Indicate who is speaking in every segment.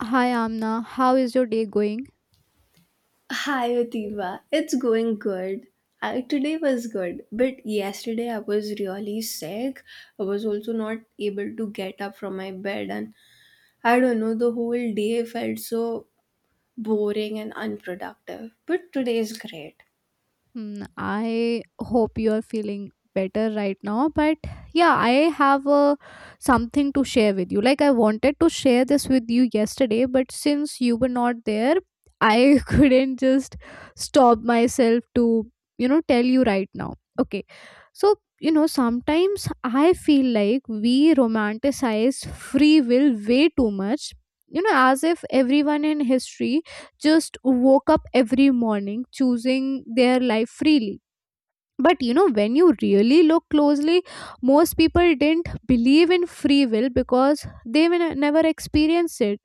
Speaker 1: Hi Amna, how is your day going?
Speaker 2: Hi Yotiva, it's going good. Today was good, but yesterday I was really sick. I was also not able to get up from my bed, and I don't know, the whole day felt so boring and unproductive. But today is great.
Speaker 1: Hmm, I hope you are feeling better right now, but yeah, I have something to share with you. Like I wanted to share this with you yesterday, but since you were not there, I couldn't just stop myself to, you know, tell you right now. Okay. So, you know, sometimes I feel like we romanticize free will way too much. You know, as if everyone in history just woke up every morning choosing their life freely. But you know, when you really look closely, most people didn't believe in free will because they were never experienced it.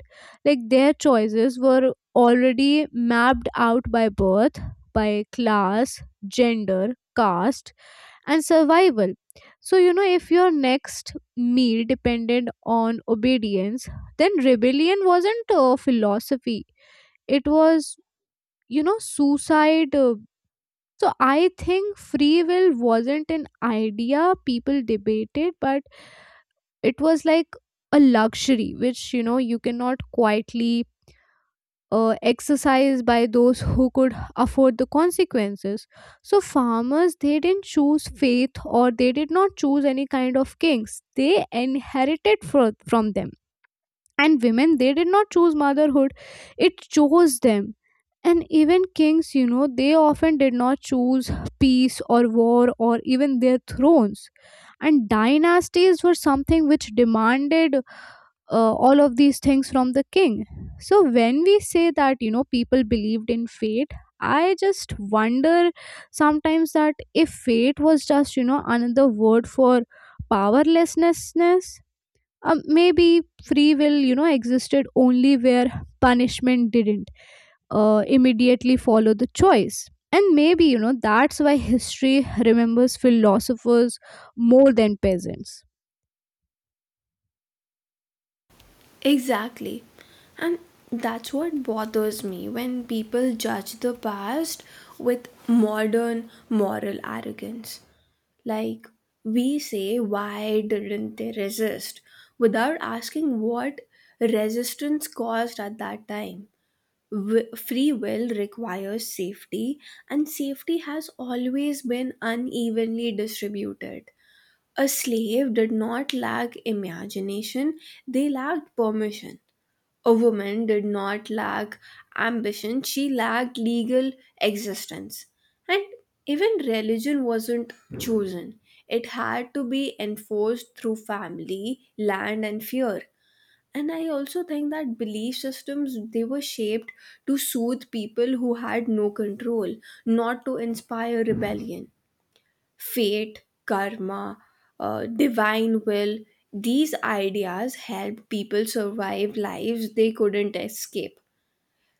Speaker 1: Like their choices were already mapped out by birth, by class, gender, caste, and survival. So, you know, if your next meal depended on obedience, then rebellion wasn't a philosophy, it was, you know, suicide. So I think free will wasn't an idea people debated, but it was like a luxury which, you know, you cannot quietly exercise by those who could afford the consequences. So farmers, they didn't choose faith, or they did not choose any kind of kings they inherited from them. And women, they did not choose motherhood, it chose them. And even kings, you know, they often did not choose peace or war or even their thrones. And dynasties were something which demanded all of these things from the king. So when we say that, you know, people believed in fate, I just wonder sometimes that if fate was just, you know, another word for powerlessness, maybe free will, you know, existed only where punishment didn't immediately follow the choice. And maybe, you know, that's why history remembers philosophers more than peasants.
Speaker 2: Exactly. And that's what bothers me when people judge the past with modern moral arrogance. Like we say, why didn't they resist? Without asking what resistance caused at that time. Free will requires safety, and safety has always been unevenly distributed. A slave did not lack imagination, they lacked permission. A woman did not lack ambition, she lacked legal existence. And even religion wasn't chosen, it had to be enforced through family, land, and fear. And I also think that belief systems they were shaped to soothe people who had no control, not to inspire rebellion fate, karma, divine will. These ideas helped people survive lives they couldn't escape.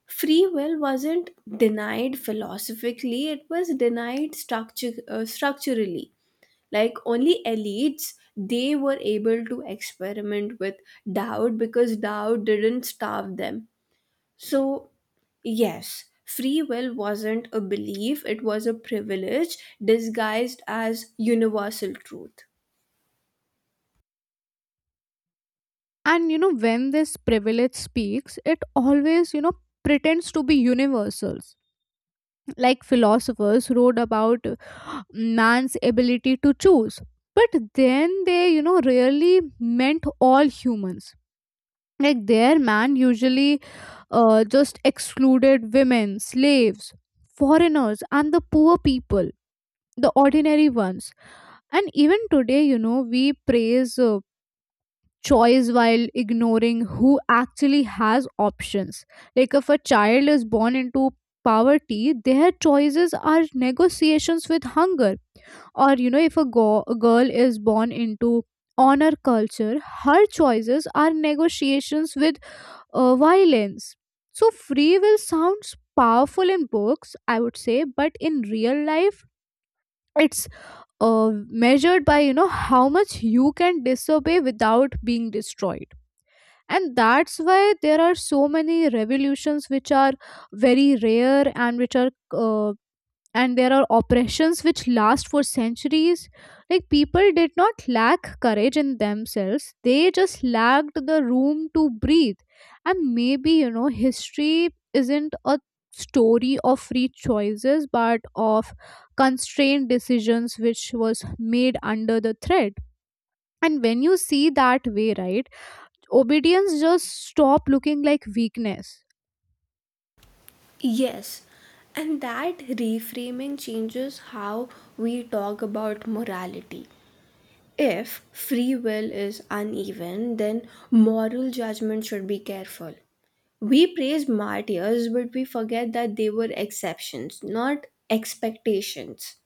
Speaker 2: Free will wasn't denied philosophically, it was denied structure, structurally. Like only elites, they were able to experiment with doubt because doubt didn't starve them, so yes, free will wasn't a belief, it was a privilege disguised as universal truth.
Speaker 1: And, you know, when this privilege speaks, it always, you know, pretends to be universals. Like philosophers wrote about man's ability to choose. But then they, you know, really meant all humans. Like their man usually just excluded women, slaves, foreigners, and the poor people, the ordinary ones. And even today, you know, we praise choice while ignoring who actually has options. Like if a child is born into poverty, their choices are negotiations with hunger. Or, you know, if a girl is born into honor culture, her choices are negotiations with violence. So, free will sounds powerful in books, I would say, but in real life, it's measured by, you know, how much you can disobey without being destroyed. And that's why there are so many revolutions which are very rare, and which are and there are oppressions which last for centuries. Like people did not lack courage in themselves, they just lacked the room to breathe. And maybe, you know, history isn't a story of free choices but of constrained decisions which was made under the threat. And when you see that way, right, obedience just stop looking like weakness.
Speaker 2: Yes, and that reframing changes how we talk about morality. If free will is uneven, then moral judgment should be careful. We praise martyrs, but we forget that they were exceptions, not expectations.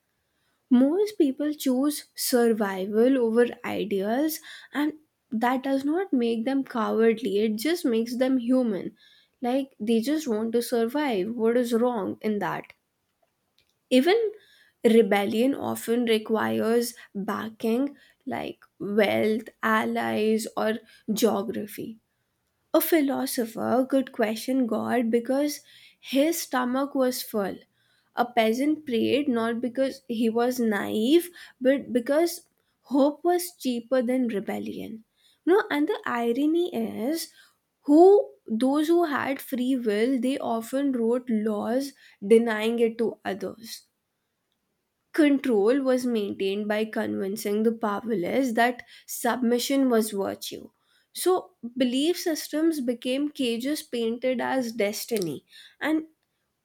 Speaker 2: Most people choose survival over ideas, and that does not make them cowardly, it just makes them human. Like they just want to survive, what is wrong in that? Even rebellion often requires backing, like wealth, allies, or geography. A philosopher could question God because his stomach was full. A peasant prayed not because he was naive, but because hope was cheaper than rebellion. No, and the irony is who those who had free will they often wrote laws denying it to others. Control was maintained by convincing the powerless that submission was virtue. So, belief systems became cages painted as destiny. And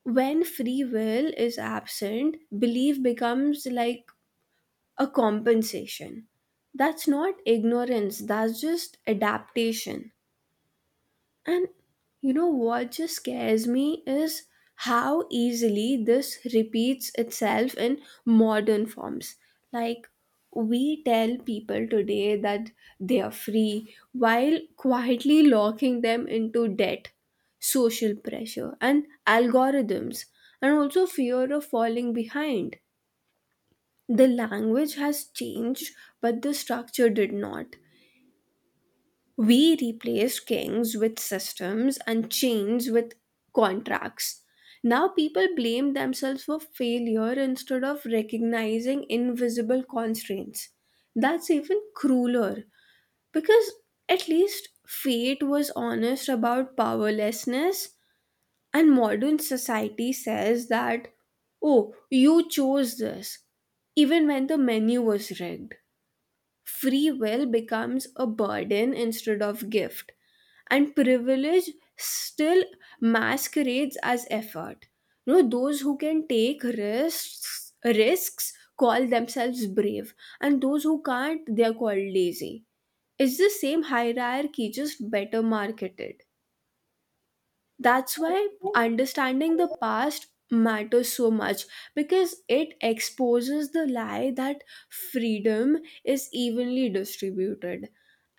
Speaker 2: when free will is absent, belief becomes like a compensation. That's not ignorance, that's just adaptation. And you know what just scares me is how easily this repeats itself in modern forms. Like, we tell people today that they are free while quietly locking them into debt, social pressure, and algorithms, and also fear of falling behind. The language has changed, but the structure did not. We replaced kings with systems and chains with contracts. Now people blame themselves for failure instead of recognizing invisible constraints. That's even crueler because at least fate was honest about powerlessness, and modern society says that, oh, you chose this, even when the menu was rigged. Free will becomes a burden instead of gift, and privilege still masquerades as effort. You know, those who can take risks call themselves brave, and those who can't, they are called lazy. It's the same hierarchy, just better marketed. That's why understanding the past matters so much, because it exposes the lie that freedom is evenly distributed.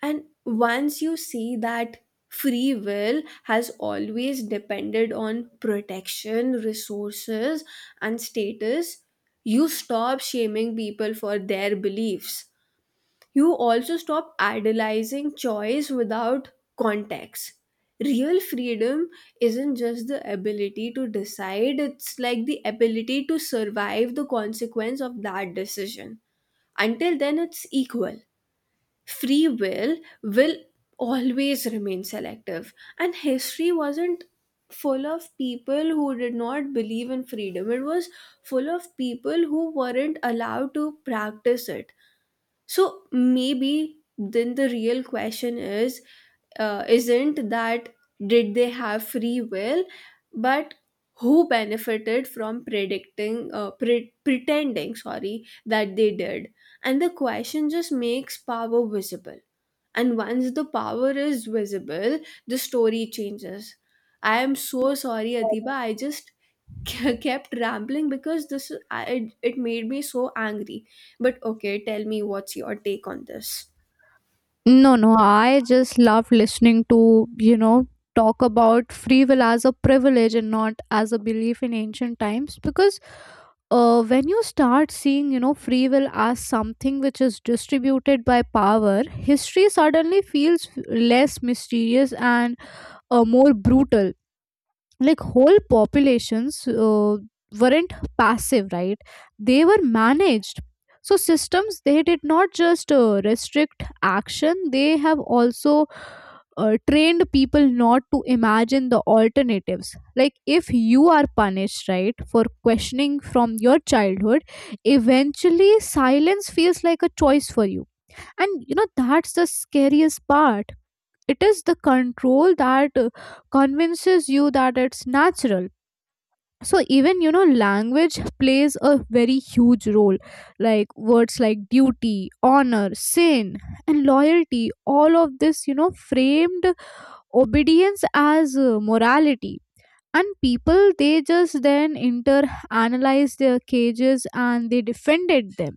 Speaker 2: And once you see that free will has always depended on protection, resources, and status, you stop shaming people for their beliefs. You also stop idolizing choice without context. Real freedom isn't just the ability to decide, it's like the ability to survive the consequence of that decision. Until then, it's equal. Free will always remain selective, and history wasn't full of people who did not believe in freedom, it was full of people who weren't allowed to practice it. So maybe then the real question is, isn't that did they have free will, but who benefited from predicting, pretending, sorry, that they did? And the question just makes power visible, and once the power is visible, the story changes. I am so sorry, Adiba, I just kept rambling because it made me so angry. But okay, tell me what's your take on this.
Speaker 1: No, no, I just love listening to, you know, talk about free will as a privilege and not as a belief in ancient times. Because when you start seeing, you know, free will as something which is distributed by power, history suddenly feels less mysterious and more brutal. Like whole populations weren't passive, right, they were managed. So systems, they did not just restrict action, they have also trained people not to imagine the alternatives. Like if you are punished, right, for questioning from your childhood, eventually silence feels like a choice for you. And you know, that's the scariest part. It is the control that convinces you that it's natural. So even, you know, language plays a very huge role. Like words like duty, honor, sin, and loyalty, all of this, you know, framed obedience as morality. And people, they just then inter analyzed their cages and they defended them.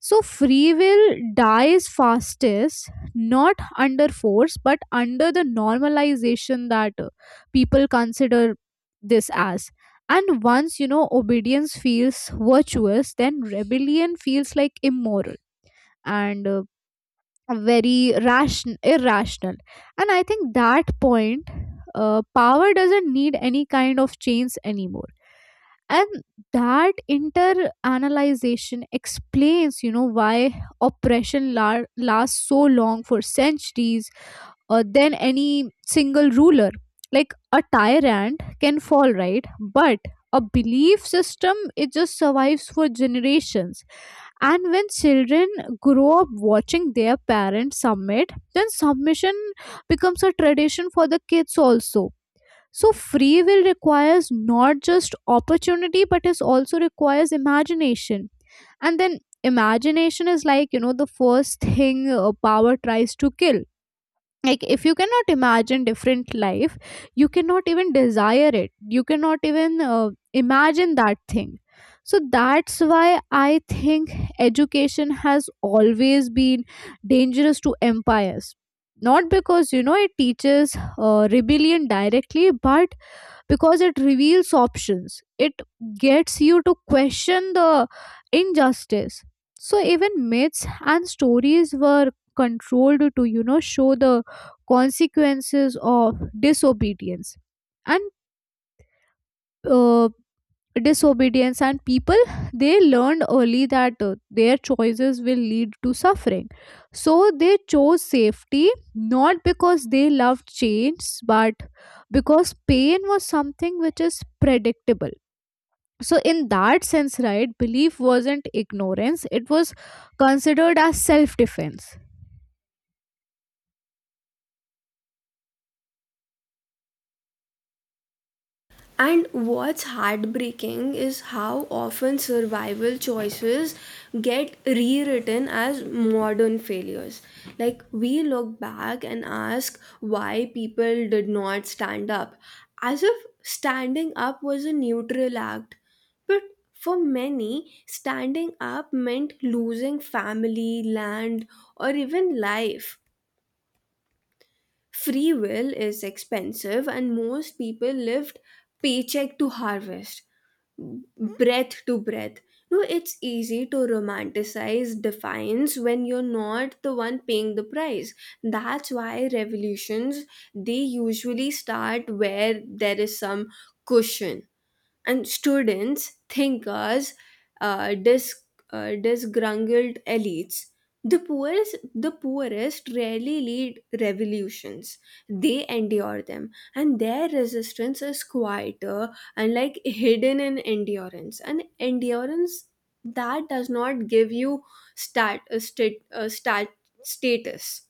Speaker 1: So free will dies fastest not under force but under the normalization that people consider this as. And once, you know, obedience feels virtuous, then rebellion feels like immoral and very ration irrational. And I think that point, power doesn't need any kind of chains anymore. And that interanalyzation explains, you know, why oppression lasts so long for centuries, than any single ruler. Like a tyrant can fall, right, but a belief system, it just survives for generations. And when children grow up watching their parents submit, then submission becomes a tradition for the kids also. So free will requires not just opportunity but it also requires imagination. And then imagination is like, you know, the first thing power tries to kill. Like if you cannot imagine different life, you cannot even desire it, you cannot even imagine that thing. So that's why I think education has always been dangerous to empires, not because, you know, it teaches rebellion directly, but because it reveals options. It gets you to question the injustice. So even myths and stories were controlled to, you know, show the consequences of disobedience. And uh, disobedience and people, they learned early that their choices will lead to suffering. So they chose safety, not because they loved change, but because pain was something which is predictable. So in that sense, right, belief wasn't ignorance, it was considered as self defense.
Speaker 2: And what's heartbreaking is how often survival choices get rewritten as modern failures. Like, we look back and ask why people did not stand up, as if standing up was a neutral act. But for many, standing up meant losing family, land, or even life. Free will is expensive, and most people lived paycheck to harvest. Mm-hmm. Breath to breath. No, it's easy to romanticize defiance when you're not the one paying the price. That's why revolutions they usually start where there is some cushion, and students think as uh, dis- disgruntled elites. The poorest rarely lead revolutions. They endure them, and their resistance is quieter and like hidden in endurance. And endurance that does not give you stat, a stat, a stat status.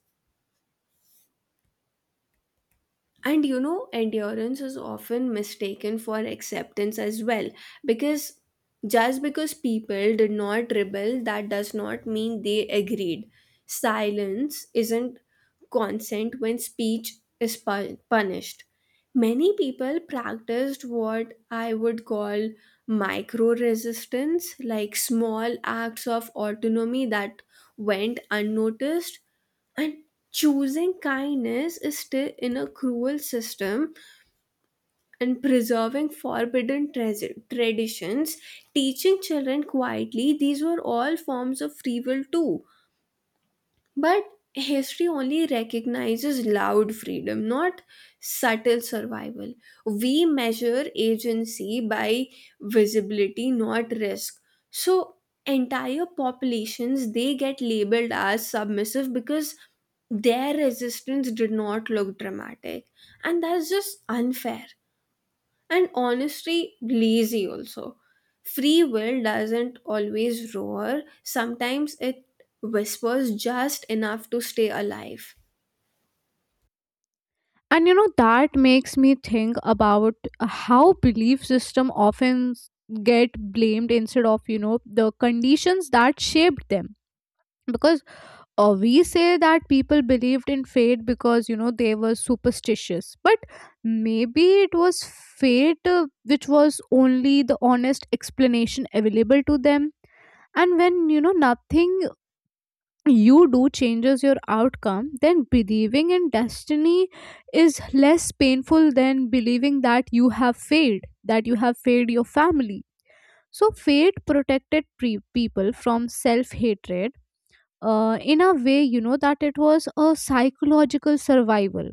Speaker 2: And you know, endurance is often mistaken for acceptance as well, because just because people did not rebel, that does not mean they agreed. Silence isn't consent when speech is punished. Many people practiced what I would call micro resistance, like small acts of autonomy that went unnoticed, and choosing kindness is still in a cruel system, and preserving forbidden traditions, teaching children quietly, these were all forms of free will too. But history only recognizes loud freedom, not subtle survival. We measure agency by visibility, not risk. So, entire populations they get labeled as submissive because their resistance did not look dramatic, and that's just unfair and honestly lazy also. Free will doesn't always roar, sometimes it whispers just enough to stay alive.
Speaker 1: And you know, that makes me think about how belief system often get blamed instead of, you know, the conditions that shaped them. Because we say that people believed in fate because, you know, they were superstitious. But maybe it was fate, which was only the honest explanation available to them. And when, you know, nothing you do changes your outcome, then believing in destiny is less painful than believing that you have failed, that you have failed your family. So, fate protected people from self hatred, in a way, you know, that it was a psychological survival.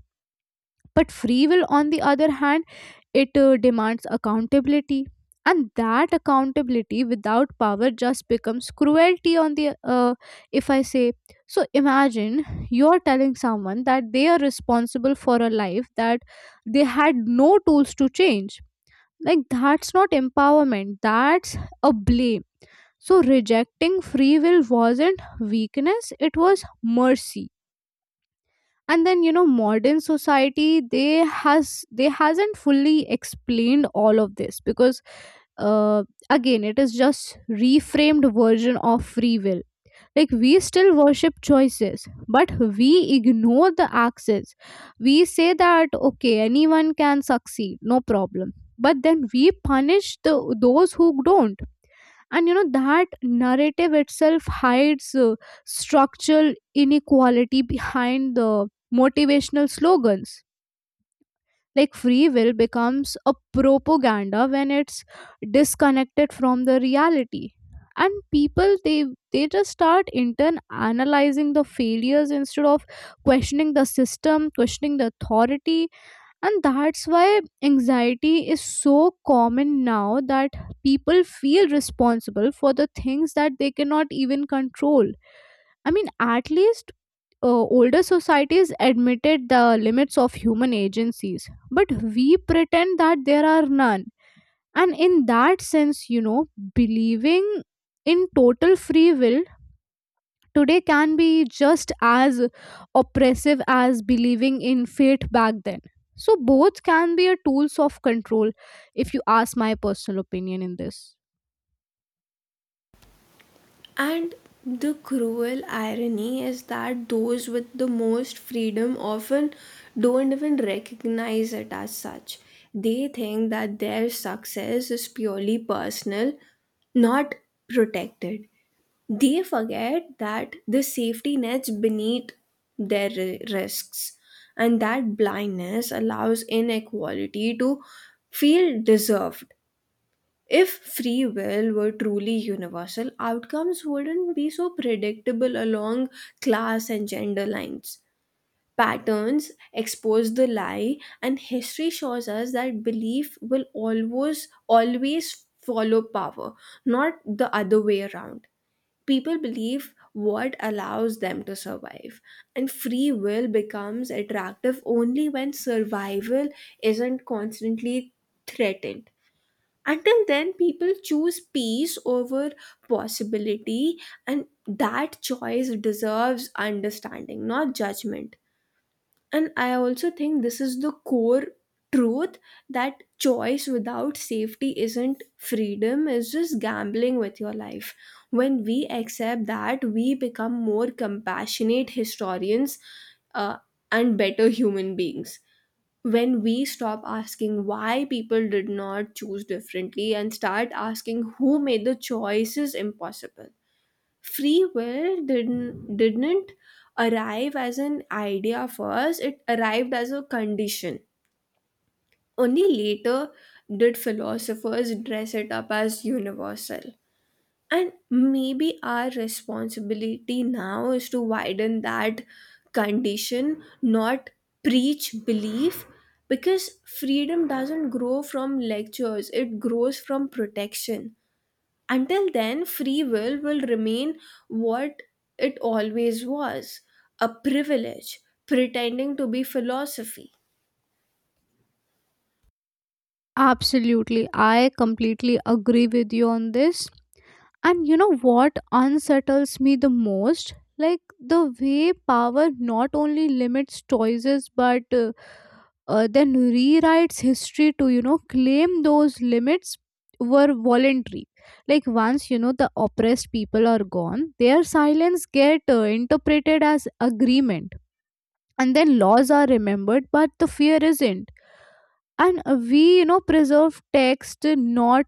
Speaker 1: But free will, on the other hand, it demands accountability. And that accountability without power just becomes cruelty on the, if I say. So imagine you're telling someone that they are responsible for a life that they had no tools to change. Like, that's not empowerment, that's a blame. So, rejecting free will wasn't weakness, it was mercy. And then, you know, modern society they has they hasn't fully explained all of this because uh, again, it is just reframed version of free will. Like we still worship choices, but we ignore the access. We say that okay, anyone can succeed, no problem, but then we punish the those who don't. And you know, that narrative itself hides structural inequality behind the motivational slogans. Like free will becomes a propaganda when it's disconnected from the reality. And people, they just start intern analyzing the failures instead of questioning the system, questioning the authority. And that's why anxiety is so common now, that people feel responsible for the things that they cannot even control. I mean, at least older societies admitted the limits of human agencies, but we pretend that there are none. And in that sense, you know, believing in total free will today can be just as oppressive as believing in fate back then. So both can be a tools of control, if you ask my personal opinion in this.
Speaker 2: And the cruel irony is that those with the most freedom often don't even recognize it as such. They think that their success is purely personal, not protected. They forget that the safety nets beneath their risks, and that blindness allows inequality to feel deserved. If free will were truly universal, outcomes wouldn't be so predictable along class and gender lines. Patterns expose the lie, and history shows us that belief will always follow power, not the other way around. People believe what allows them to survive, and free will becomes attractive only when survival isn't constantly threatened. Until then, people choose peace over possibility, and that choice deserves understanding, not judgment. And I also think this is the core truth, that choice without safety isn't freedom, it's just gambling with your life. When we accept that, we become more compassionate historians, uh, and better human beings. When we stop asking why people did not choose differently and start asking who made the choices impossible, free will didn't arrive as an idea first, it arrived as a condition. Only later did philosophers dress it up as universal, and maybe our responsibility now is to widen that condition, not preach belief, because freedom doesn't grow from lectures, it grows from protection. Until then, free will remain what it always was, a privilege, pretending to be philosophy.
Speaker 1: Absolutely. I completely agree with you on this. And you know what unsettles me the most? Like the way power not only limits choices but then rewrites history to, you know, claim those limits were voluntary. Like once, you know, the oppressed people are gone, their silence get interpreted as agreement. And then laws are remembered, but the fear isn't. And we, you know, preserve text, not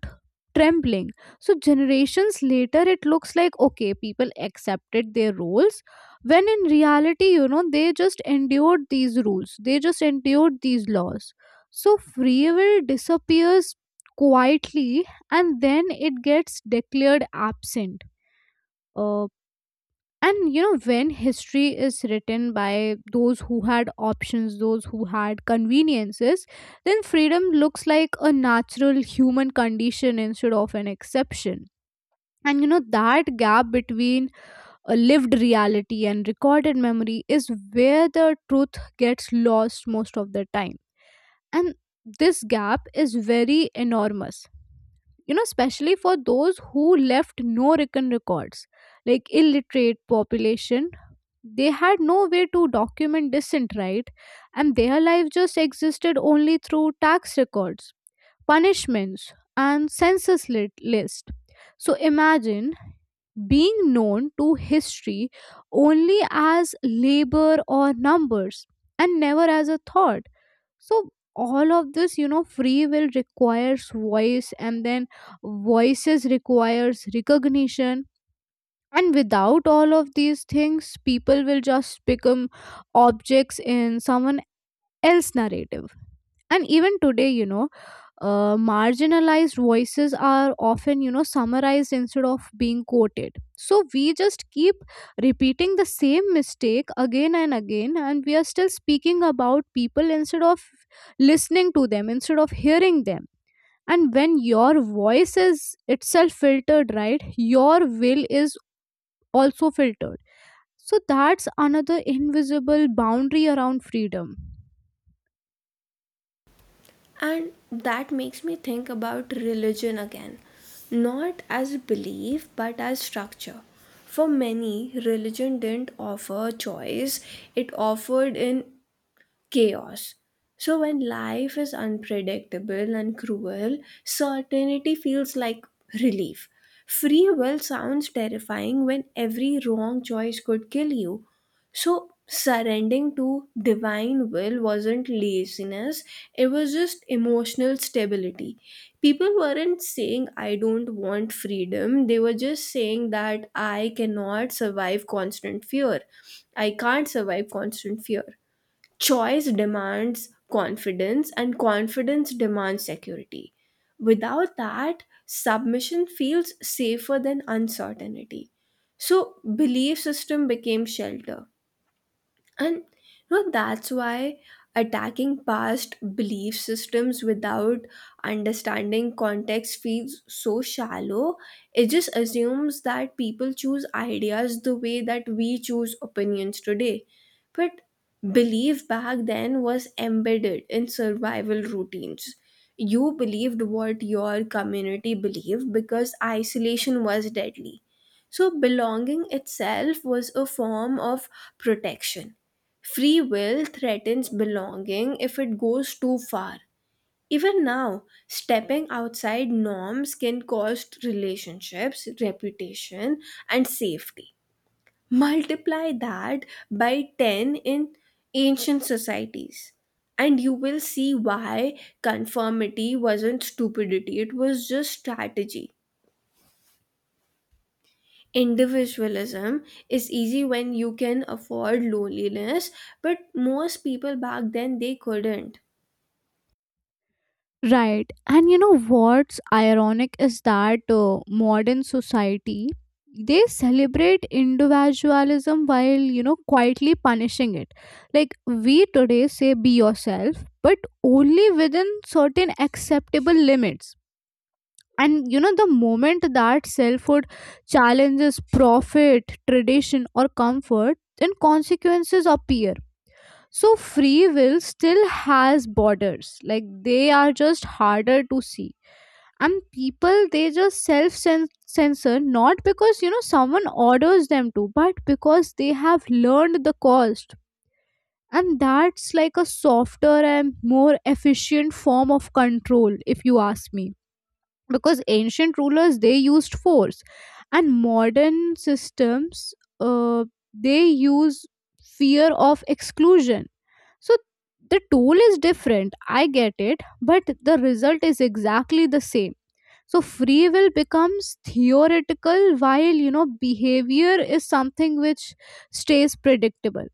Speaker 1: trembling. So generations later it looks like okay, people accepted their rules, when in reality, you know, they just endured these laws. So free will disappears quietly and then it gets declared absent. Uh, and you know, when history is written by those who had options, those who had conveniences, then freedom looks like a natural human condition instead of an exception. And you know, that gap between a lived reality and recorded memory is where the truth gets lost most of the time. And this gap is very enormous, you know, especially for those who left no written records, like illiterate population, they had no way to document dissent, right? And their life just existed only through tax records, punishments, and census list. So imagine being known to history only as labor or numbers and never as a thought. So all of this, you know, free will requires voice, and then voices requires recognition. And without all of these things, people will just become objects in someone else's narrative. And even today, you know, marginalized voices are often, you know, summarized instead of being quoted. So we just keep repeating the same mistake again and again, and we are still speaking about people instead of listening to them, instead of hearing them. And when your voice is itself filtered, right, your will is also filtered. So that's another invisible boundary around freedom.
Speaker 2: And that makes me think about religion again, not as belief but as structure. For many, religion didn't offer choice, it offered an chaos. So, when life is unpredictable and cruel, certainty feels like relief. Free will sounds terrifying when every wrong choice could kill you. So, surrendering to divine will wasn't laziness, it was just emotional stability. People weren't saying, I don't want freedom, they were just saying that I cannot survive constant fear. I can't survive constant fear. Choice demands confidence, and confidence demands security. Without that, submission feels safer than uncertainty. So, belief system became shelter. And you know that's why attacking past belief systems without understanding context feels so shallow. It just assumes that people choose ideas the way that we choose opinions today, but belief back then was embedded in survival routines. You believed what your community believed because isolation was deadly, so belonging itself was a form of protection. Free will threatens belonging if it goes too far. Even now, stepping outside norms can cost relationships, reputation, and safety. Multiply that by 10 in ancient societies, and you will see why conformity wasn't stupidity, it was just strategy. Individualism is easy when you can afford loneliness, but most people back then they couldn't.
Speaker 1: Right. And you know what's ironic is that modern society, they celebrate individualism while, you know, quietly punishing it. Like we today say be yourself, but only within certain acceptable limits. And you know, the moment that selfhood challenges profit, tradition or comfort, then consequences appear. So free will still has borders. Like they are just harder to see. And people, they just self censor, not because, you know, someone orders them to, but because they have learned the cost. And that's like a softer and more efficient form of control, if you ask me. Because ancient rulers, they used force, and modern systems, uh, they use fear of exclusion. So the tool is different, I get it, but the result is exactly the same. So free will becomes theoretical while, you know, behavior is something which stays predictable.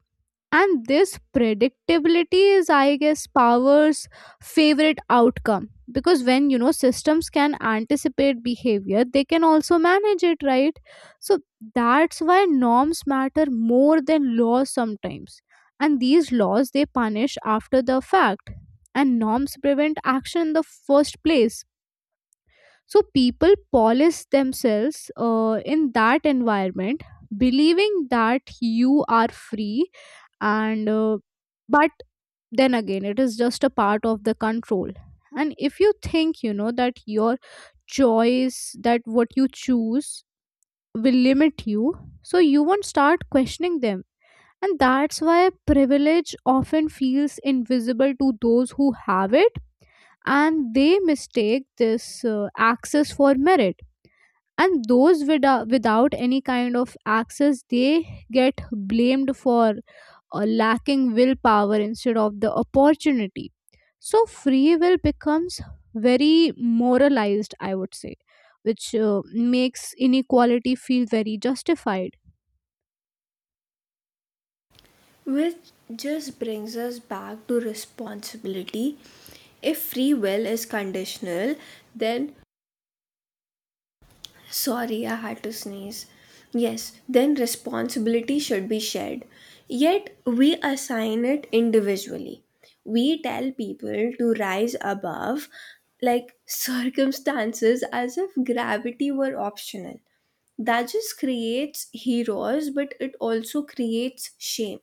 Speaker 1: And this predictability is, I guess, power's favorite outcome. Because when, you know, systems can anticipate behavior, they can also manage it, right? So that's why norms matter more than laws sometimes. And these laws, they punish after the fact, and norms prevent action in the first place. So people polish themselves in that environment, believing that you are free, and but then again, it is just a part of the control. And if you think, you know, that your choice, that what you choose will limit you, so you won't start questioning them. And that's why privilege often feels invisible to those who have it, and they mistake this access for merit. And those without any kind of access, they get blamed for lacking willpower instead of the opportunity. So free will becomes very moralized, I would say, which makes inequality feel very justified.
Speaker 2: Which just brings us back to responsibility. If free will is conditional, then sorry, I had to sneeze. Yes, then responsibility should be shared. Yet we assign it individually. We tell people to rise above like circumstances as if gravity were optional. That just creates heroes, but it also creates shame.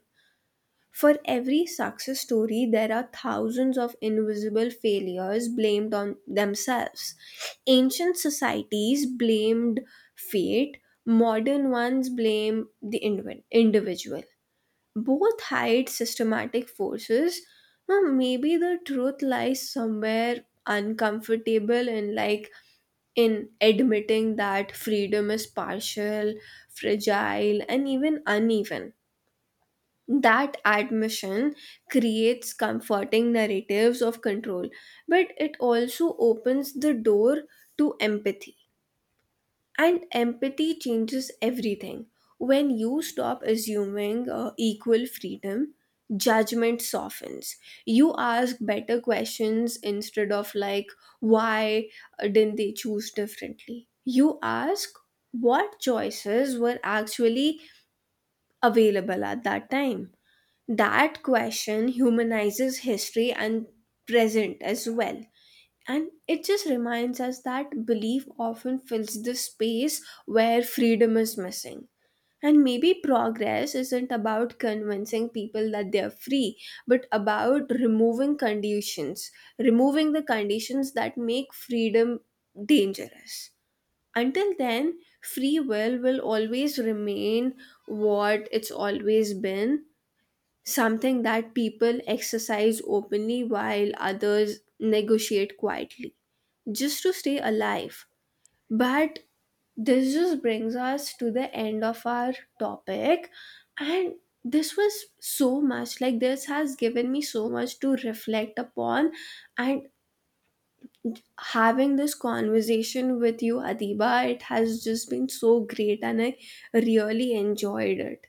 Speaker 2: For every success story, there are thousands of invisible failures blamed on themselves. Ancient societies blamed fate, modern ones blame the individual. Both hide systematic forces. Now, maybe the truth lies somewhere uncomfortable in admitting that freedom is partial, fragile, and even uneven. That admission creates comforting narratives of control, but it also opens the door to empathy. And empathy changes everything. When you stop assuming equal freedom, judgment softens. You ask better questions instead of, like, why didn't they choose differently? You ask what choices were actually available at that time. That question humanizes history and present as well. And it just reminds us that belief often fills the space where freedom is missing. And maybe progress isn't about convincing people that they're free, but about removing conditions, removing the conditions that make freedom dangerous. Until then, free will always remain what it's always been, something that people exercise openly while others negotiate quietly just to stay alive. But this just brings us to the end of our topic, and this was so much like this has given me so much to reflect upon. And having this conversation with you, Adiba, it has just been so great and I really enjoyed it.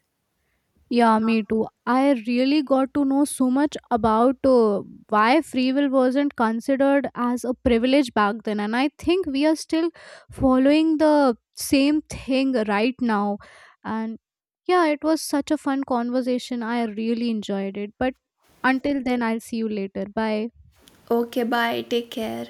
Speaker 1: Yeah, me too. I really got to know so much about why free will wasn't considered as a privilege back then, and I think we are still following the same thing right now. And yeah, it was such a fun conversation. I really enjoyed it. But until then, I'll see you later. Bye.
Speaker 2: Okay, bye, take care.